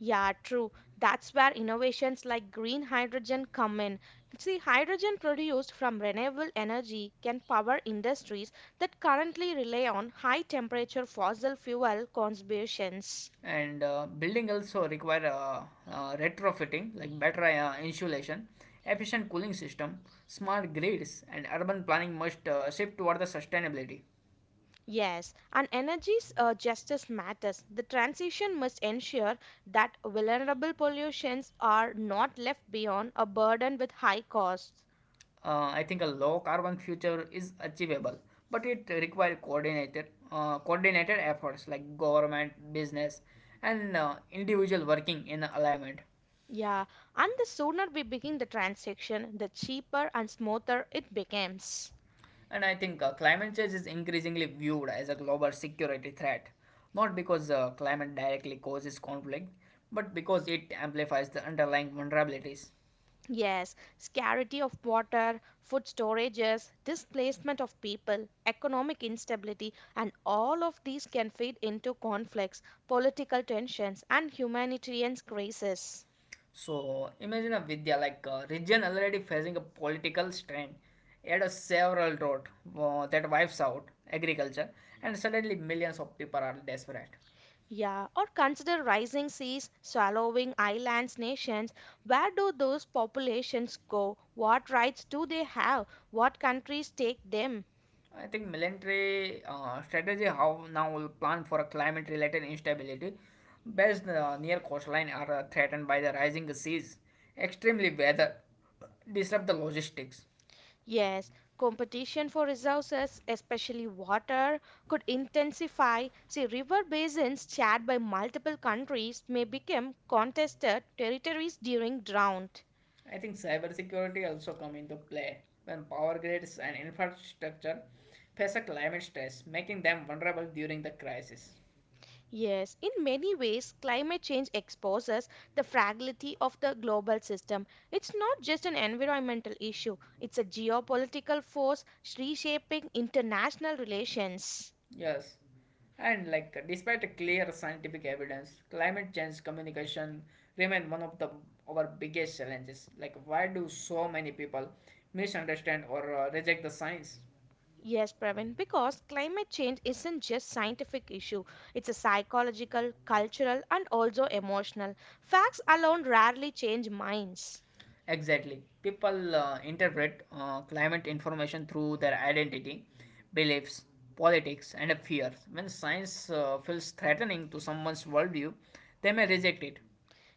Speaker 2: Yeah, true. That's where innovations like green hydrogen come in. See, hydrogen produced from renewable energy can power industries that currently rely on high temperature fossil fuel contributions.
Speaker 1: And building also require retrofitting like better insulation, efficient cooling system, smart grids, and urban planning must shift toward the sustainability.
Speaker 2: Yes, and energy's justice matters. The transition must ensure that vulnerable pollutions are not left beyond a burden with high costs.
Speaker 1: I think a low carbon future is achievable, but it require coordinated efforts like government, business, and individual working in alignment.
Speaker 2: Yeah, and the sooner we begin the transition, the cheaper and smoother it becomes.
Speaker 1: And I think climate change is increasingly viewed as a global security threat, not because climate directly causes conflict, but because it amplifies the underlying vulnerabilities.
Speaker 2: Yes, scarcity of water, food storages, displacement of people, economic instability, and all of these can feed into conflicts, political tensions, and humanitarian crises.
Speaker 1: So imagine a Vidya like a region already facing a political strain, add a several drought that wipes out agriculture, and suddenly millions of people are desperate.
Speaker 2: Yeah, or consider rising seas, swallowing islands, nations. Where do those populations go? What rights do they have? What countries take them?
Speaker 1: I think military strategy how now will plan for a climate related instability, based near coastline are threatened by the rising seas, extremely weather, disrupt the logistics.
Speaker 2: Yes, competition for resources, especially water, could intensify. See, river basins shared by multiple countries may become contested territories during drought.
Speaker 1: I think cybersecurity also come into play when power grids and infrastructure face a climate stress, making them vulnerable during the crisis.
Speaker 2: Yes, in many ways, climate change exposes the fragility of the global system. It's not just an environmental issue, it's a geopolitical force reshaping international relations.
Speaker 1: Yes. And like despite clear scientific evidence, climate change communication remain one of the our biggest challenges. Like why do so many people misunderstand or reject the science?
Speaker 2: Yes, Pravin, because climate change isn't just scientific issue. It's a psychological, cultural, and also emotional. Facts alone rarely change minds.
Speaker 1: Exactly. People interpret climate information through their identity, beliefs, politics, and fears. When science feels threatening to someone's worldview, they may reject it.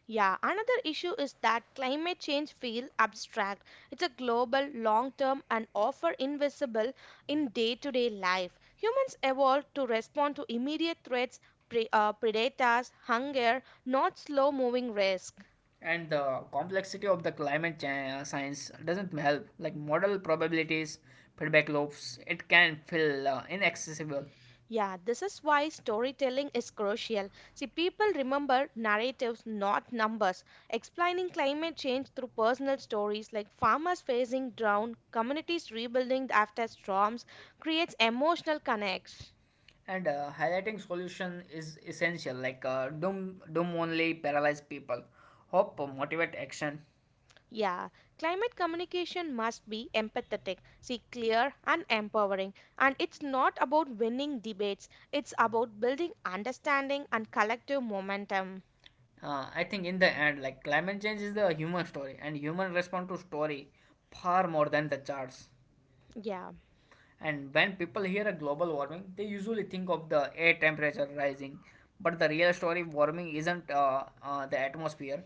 Speaker 2: Yeah, another issue is that climate change feel abstract. It's a global, long-term, and often invisible in day-to-day life. Humans evolved to respond to immediate threats, predators, hunger, not slow-moving risk.
Speaker 1: And the complexity of the science doesn't help, like model probabilities, feedback loops, it can feel inaccessible.
Speaker 2: Yeah, this is why storytelling is crucial. See, people remember narratives, not numbers. Explaining climate change through personal stories like farmers facing drought, communities rebuilding after storms creates emotional connects.
Speaker 1: And highlighting solution is essential, like doom only paralyze people, hope motivate action.
Speaker 2: Yeah, climate communication must be empathetic, see, clear and empowering. And it's not about winning debates, it's about building understanding and collective momentum.
Speaker 1: I think in the end, like climate change is the human story and human respond to story far more than the charts.
Speaker 2: Yeah.
Speaker 1: And when people hear a global warming, they usually think of the air temperature rising. But the real story warming isn't the atmosphere,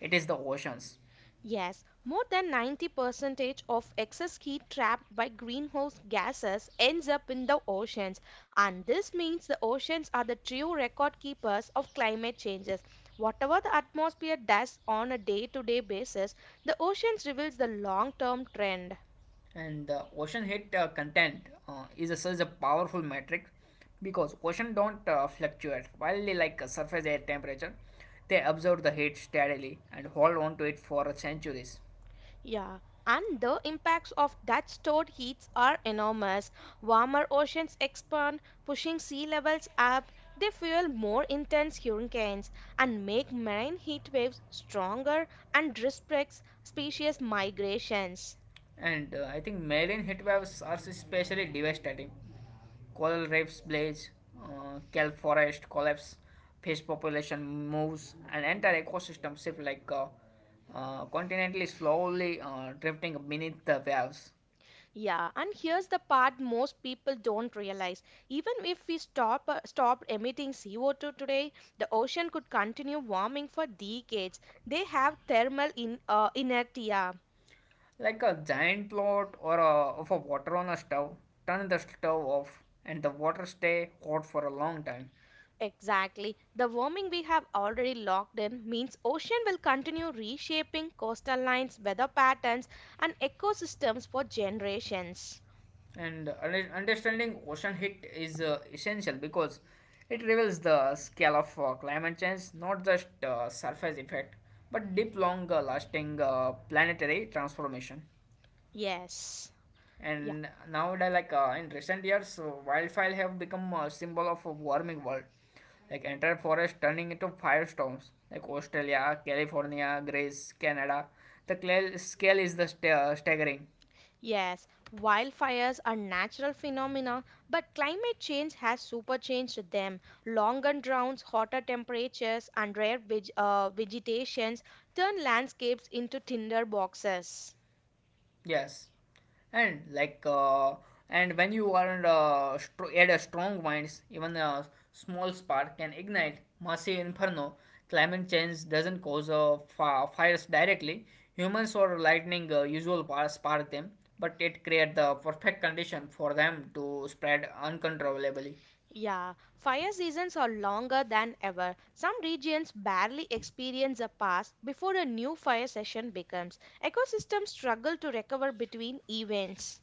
Speaker 1: it is the oceans.
Speaker 2: Yes, more than 90% of excess heat trapped by greenhouse gases ends up in the oceans. And this means the oceans are the true record keepers of climate changes. Whatever the atmosphere does on a day to day basis, the oceans reveals the long term trend.
Speaker 1: And the ocean heat content such a powerful metric because ocean don't fluctuate while they surface air temperature, they absorb the heat steadily and hold on to it for centuries.
Speaker 2: Yeah, and the impacts of that stored heats are enormous. Warmer oceans expand, pushing sea levels up. They fuel more intense hurricanes and make marine heat waves stronger and restricts species migrations.
Speaker 1: And I think marine heat waves are especially devastating. Coral reefs blaze, kelp forest collapse, fish population moves, and entire ecosystem shift continentally slowly drifting beneath the waves.
Speaker 2: Yeah, and here's the part most people don't realize. Even if we stop emitting CO2 today, the ocean could continue warming for decades. They have thermal inertia.
Speaker 1: Like a giant plot or a, of a water on a stove, turn the stove off and the water stay hot for a long time.
Speaker 2: Exactly. The warming we have already locked in means ocean will continue reshaping coastal lines, weather patterns and ecosystems for generations.
Speaker 1: And understanding ocean heat is essential because it reveals the scale of climate change, not just surface effect, but deep, long-lasting lasting planetary transformation.
Speaker 2: Yes. Yeah.
Speaker 1: And nowadays, like in recent years, wildfire have become a symbol of a warming world, like entire forest turning into firestorms, like Australia, California, Greece, Canada. The scale is the staggering.
Speaker 2: Yes. Wildfires are natural phenomena, but climate change has superchanged them. Longer droughts, hotter temperatures and rare vegetations turn landscapes into tinder boxes.
Speaker 1: Yes, and and when you are at a strong winds, even a small spark can ignite massive inferno. Climate change doesn't cause fires directly. Humans or lightning spark them, but it creates the perfect condition for them to spread uncontrollably.
Speaker 2: Yeah, fire seasons are longer than ever. Some regions barely experience a pass before a new fire session begins. Ecosystems struggle to recover between events.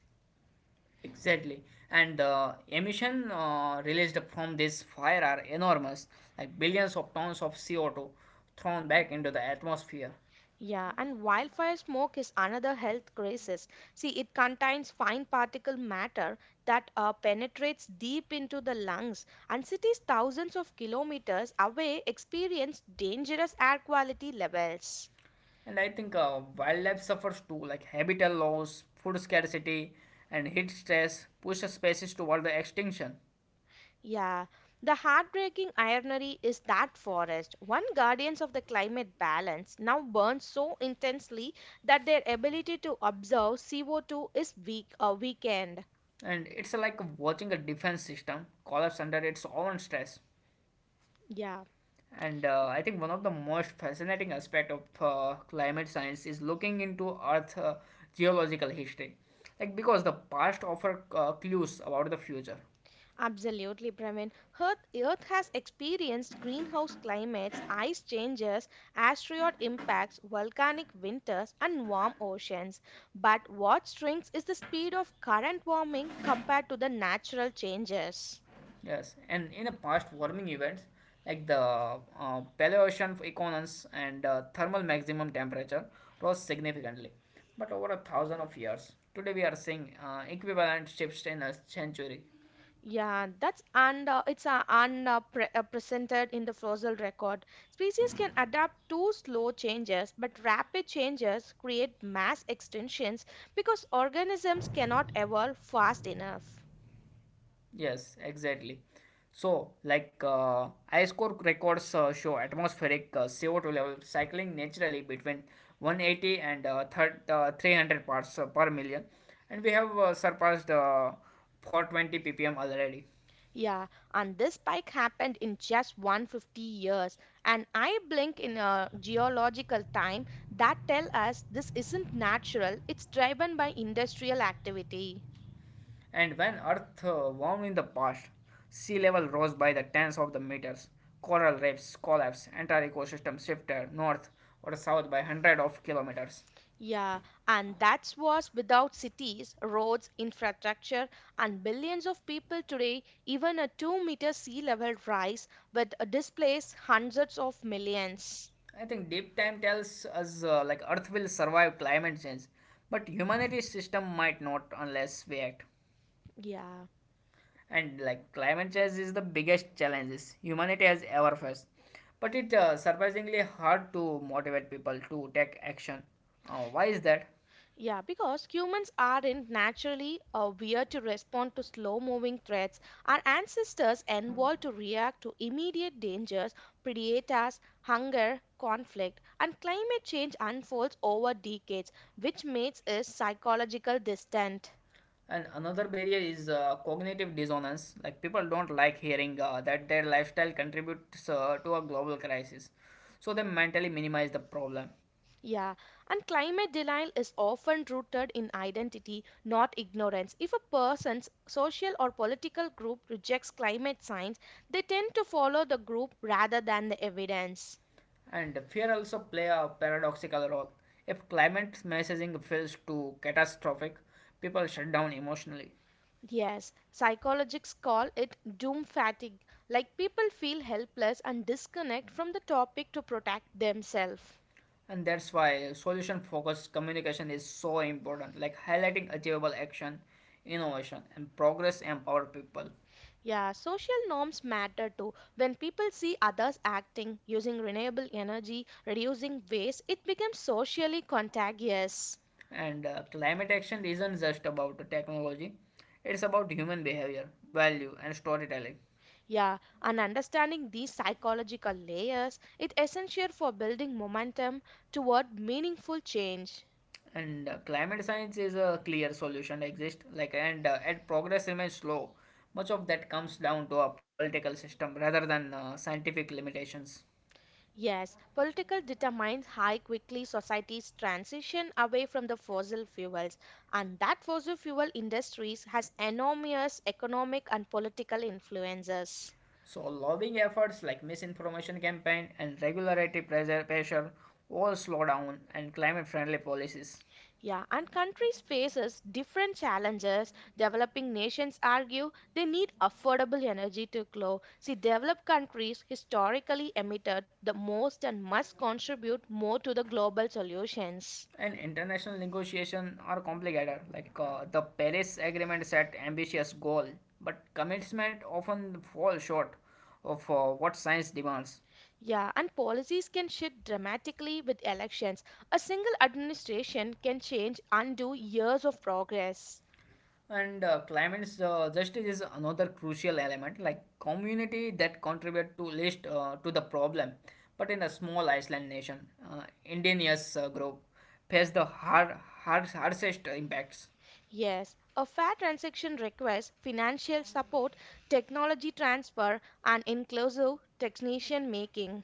Speaker 1: Exactly, and the emission released from this fire are enormous, like billions of tons of CO2 thrown back into the atmosphere.
Speaker 2: Yeah, and wildfire smoke is another health crisis. See, it contains fine particle matter that penetrates deep into the lungs, and cities thousands of kilometers away experience dangerous air quality levels.
Speaker 1: And I think wildlife suffers too, like habitat loss, food scarcity, and heat stress push species toward the extinction.
Speaker 2: Yeah, the heartbreaking irony is that forest, one guardians of the climate balance, now burns so intensely that their ability to observe CO2 is weak or weakened.
Speaker 1: And it's like watching a defense system collapse under its own stress.
Speaker 2: Yeah,
Speaker 1: And I think one of the most fascinating aspect of climate science is looking into Earth geological history, like because the past offer clues about the future.
Speaker 2: absolutely, Praveen. Earth has experienced greenhouse climates, ice changes, asteroid impacts, volcanic winters, and warm oceans. But what shrinks is the speed of current warming compared to the natural changes.
Speaker 1: Yes, and in the past warming events, like the Paleocean equinox and thermal maximum temperature rose significantly, but over a thousand of years. Today we are seeing equivalent shifts in a century.
Speaker 2: Yeah, that's and it's and pre Presented in the fossil record. Species can adapt to slow changes, but rapid changes create mass extinctions because organisms cannot evolve fast enough.
Speaker 1: Yes, exactly. So, like ice core records show atmospheric CO2 level cycling naturally between 180 and 300 parts per million, and we have surpassed 420 ppm already.
Speaker 2: Yeah, and this spike happened in just 150 years. And I blink in a geological time that tell us this isn't natural, it's driven by industrial activity.
Speaker 1: And when Earth warmed in the past, sea level rose by the tens of the meters, coral reefs collapsed, entire ecosystem shifted north or south by hundred of kilometers.
Speaker 2: Yeah, and that was without cities, roads, infrastructure, and billions of people today. Even a 2-meter sea level rise would displace hundreds of millions.
Speaker 1: I think deep time tells us like Earth will survive climate change, but humanity's system might not unless we act.
Speaker 2: Yeah,
Speaker 1: And like climate change is the biggest challenges humanity has ever faced, but it surprisingly hard to motivate people to take action. Why is that?
Speaker 2: yeah, because humans aren't naturally weird to respond to slow moving threats. Our ancestors evolved to react to immediate dangers, predators, hunger, conflict, and climate change unfolds over decades, which makes us psychological distant.
Speaker 1: And another barrier is cognitive dissonance. Like people don't like hearing that their lifestyle contributes to a global crisis, so they mentally minimize the problem.
Speaker 2: Yeah, and climate denial is often rooted in identity, not ignorance. If a person's social or political group rejects climate science, they tend to follow the group rather than the evidence.
Speaker 1: And fear also play a paradoxical role. If climate messaging feels too catastrophic, people shut down emotionally,
Speaker 2: Yes, psychologists call it doom fatigue, like people feel helpless and disconnect from the topic to protect themselves.
Speaker 1: and that's why solution-focused communication is so important. Like highlighting achievable action, innovation, and progress empower people.
Speaker 2: Yeah, social norms matter too. When people see others acting, using renewable energy, reducing waste, it becomes socially contagious.
Speaker 1: And climate action isn't just about technology, it's about human behavior, value, and storytelling.
Speaker 2: Yeah, and understanding these psychological layers, is essential for building momentum toward meaningful change.
Speaker 1: And climate science is a clear solution exists. Like and progress remains slow. Much of that comes down to a political system rather than scientific limitations.
Speaker 2: Yes, political determines how quickly societies transition away from the fossil fuels, and that fossil fuel industries has enormous economic and political influences.
Speaker 1: So lobbying efforts like misinformation campaign and regulatory pressure all slow down and climate-friendly policies.
Speaker 2: Yeah, and countries faces different challenges. Developing nations argue they need affordable energy to grow. See, developed countries historically emitted the most and must contribute more to the global solutions.
Speaker 1: And international negotiations are complicated. Like the Paris Agreement set ambitious goal, but commitment often fall short of what science demands.
Speaker 2: Yeah, and policies can shift dramatically with elections. A single administration can change, undo years of progress.
Speaker 1: And climate justice is another crucial element, like community that contribute to least to the problem. But in a small Iceland nation, indigenous group face the harshest impacts.
Speaker 2: Yes, a fair transaction requires financial support, technology transfer, and inclusive technician making.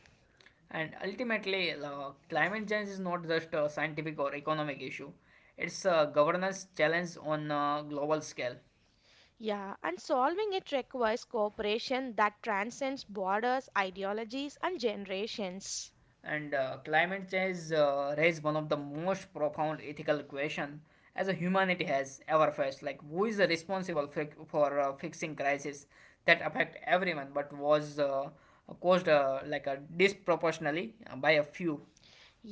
Speaker 1: And ultimately, climate change is not just a scientific or economic issue, it's a governance challenge on a global scale.
Speaker 2: Yeah, and solving it requires cooperation that transcends borders, ideologies, and generations.
Speaker 1: And climate change raises one of the most profound ethical questions as a humanity has ever faced. Like, who is responsible for fixing crises that affect everyone but was caused like a disproportionately by a few?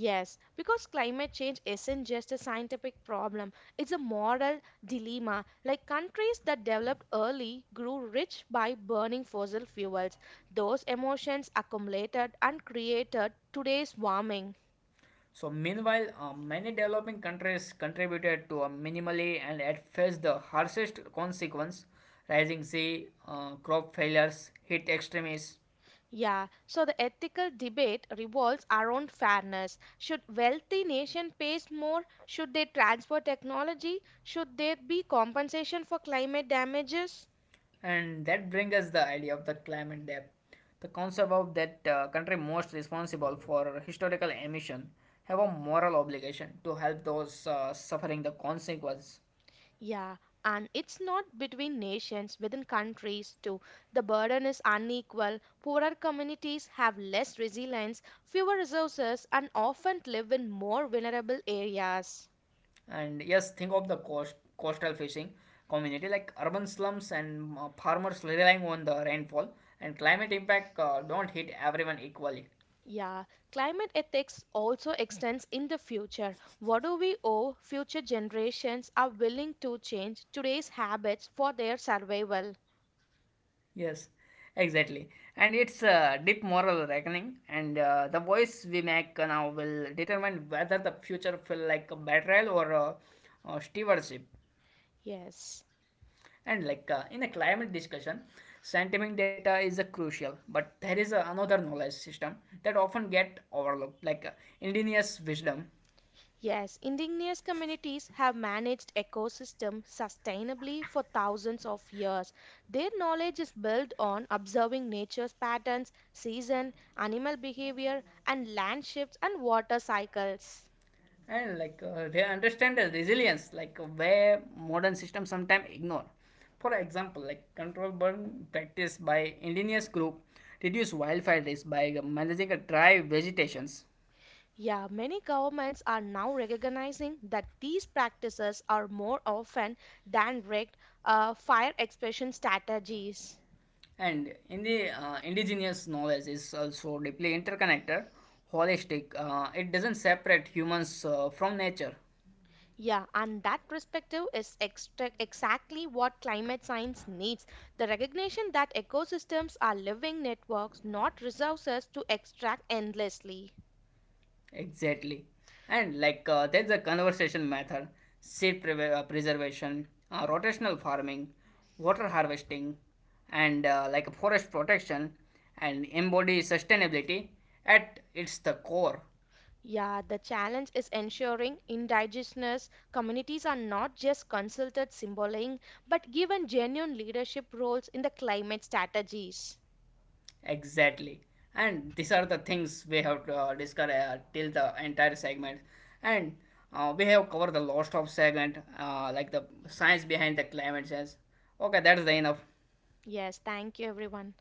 Speaker 2: Yes, because climate change isn't just a scientific problem, it's a moral dilemma. Like countries that developed early grew rich by burning fossil fuels. Those emotions accumulated and created today's warming.
Speaker 1: So meanwhile, many developing countries contributed to a minimally and at faced the harshest consequence, rising sea, crop failures, heat extremes,
Speaker 2: Yeah, so the ethical debate revolves around fairness. Should wealthy nation pay more? Should they transfer technology? Should there be compensation for climate damages?
Speaker 1: and that brings us the idea of the climate debt. The concept of that country most responsible for historical emission have a moral obligation to help those suffering the consequence.
Speaker 2: Yeah, and it's not between nations, within countries too. The burden is unequal. Poorer communities have less resilience, fewer resources, and often live in more vulnerable areas.
Speaker 1: And yes, think of coastal fishing community like urban slums and farmers relying on the rainfall, and climate impact don't hit everyone equally.
Speaker 2: Yeah, climate ethics also extends in the future. What do we owe future generations are willing to change today's habits for their survival?
Speaker 1: Yes, exactly. And it's a deep moral reckoning, and the voice we make now will determine whether the future feel like a betrayal or stewardship.
Speaker 2: Yes.
Speaker 1: And like in a climate discussion, scientific data is crucial, but there is another knowledge system that often get overlooked, like indigenous wisdom.
Speaker 2: Yes, indigenous communities have managed ecosystems sustainably for thousands of years. Their knowledge is built on observing nature's patterns, season, animal behavior, and land shifts and water cycles.
Speaker 1: And like they understand the resilience, like where modern systems sometimes ignore. For example, like control burn practice by indigenous group reduce wildfire risk by managing a dry vegetations.
Speaker 2: Yeah, many governments are now recognizing that these practices are more often than direct fire expression strategies.
Speaker 1: And in the indigenous knowledge is also deeply interconnected, holistic. It doesn't separate humans from nature
Speaker 2: Yeah, and that perspective is exactly what climate science needs. The recognition that ecosystems are living networks, not resources to extract endlessly.
Speaker 1: exactly. And like there's a conservation method, seed preservation, rotational farming, water harvesting, and like forest protection, and embody sustainability at its the core.
Speaker 2: Yeah, the challenge is ensuring indigenous communities are not just consulted symboling, but given genuine leadership roles in the climate strategies.
Speaker 1: Exactly. And these are the things we have to discuss till the entire segment. And we have covered the lost of segment, like the science behind the climate change. Okay, that's the enough.
Speaker 2: Yes, thank you, everyone.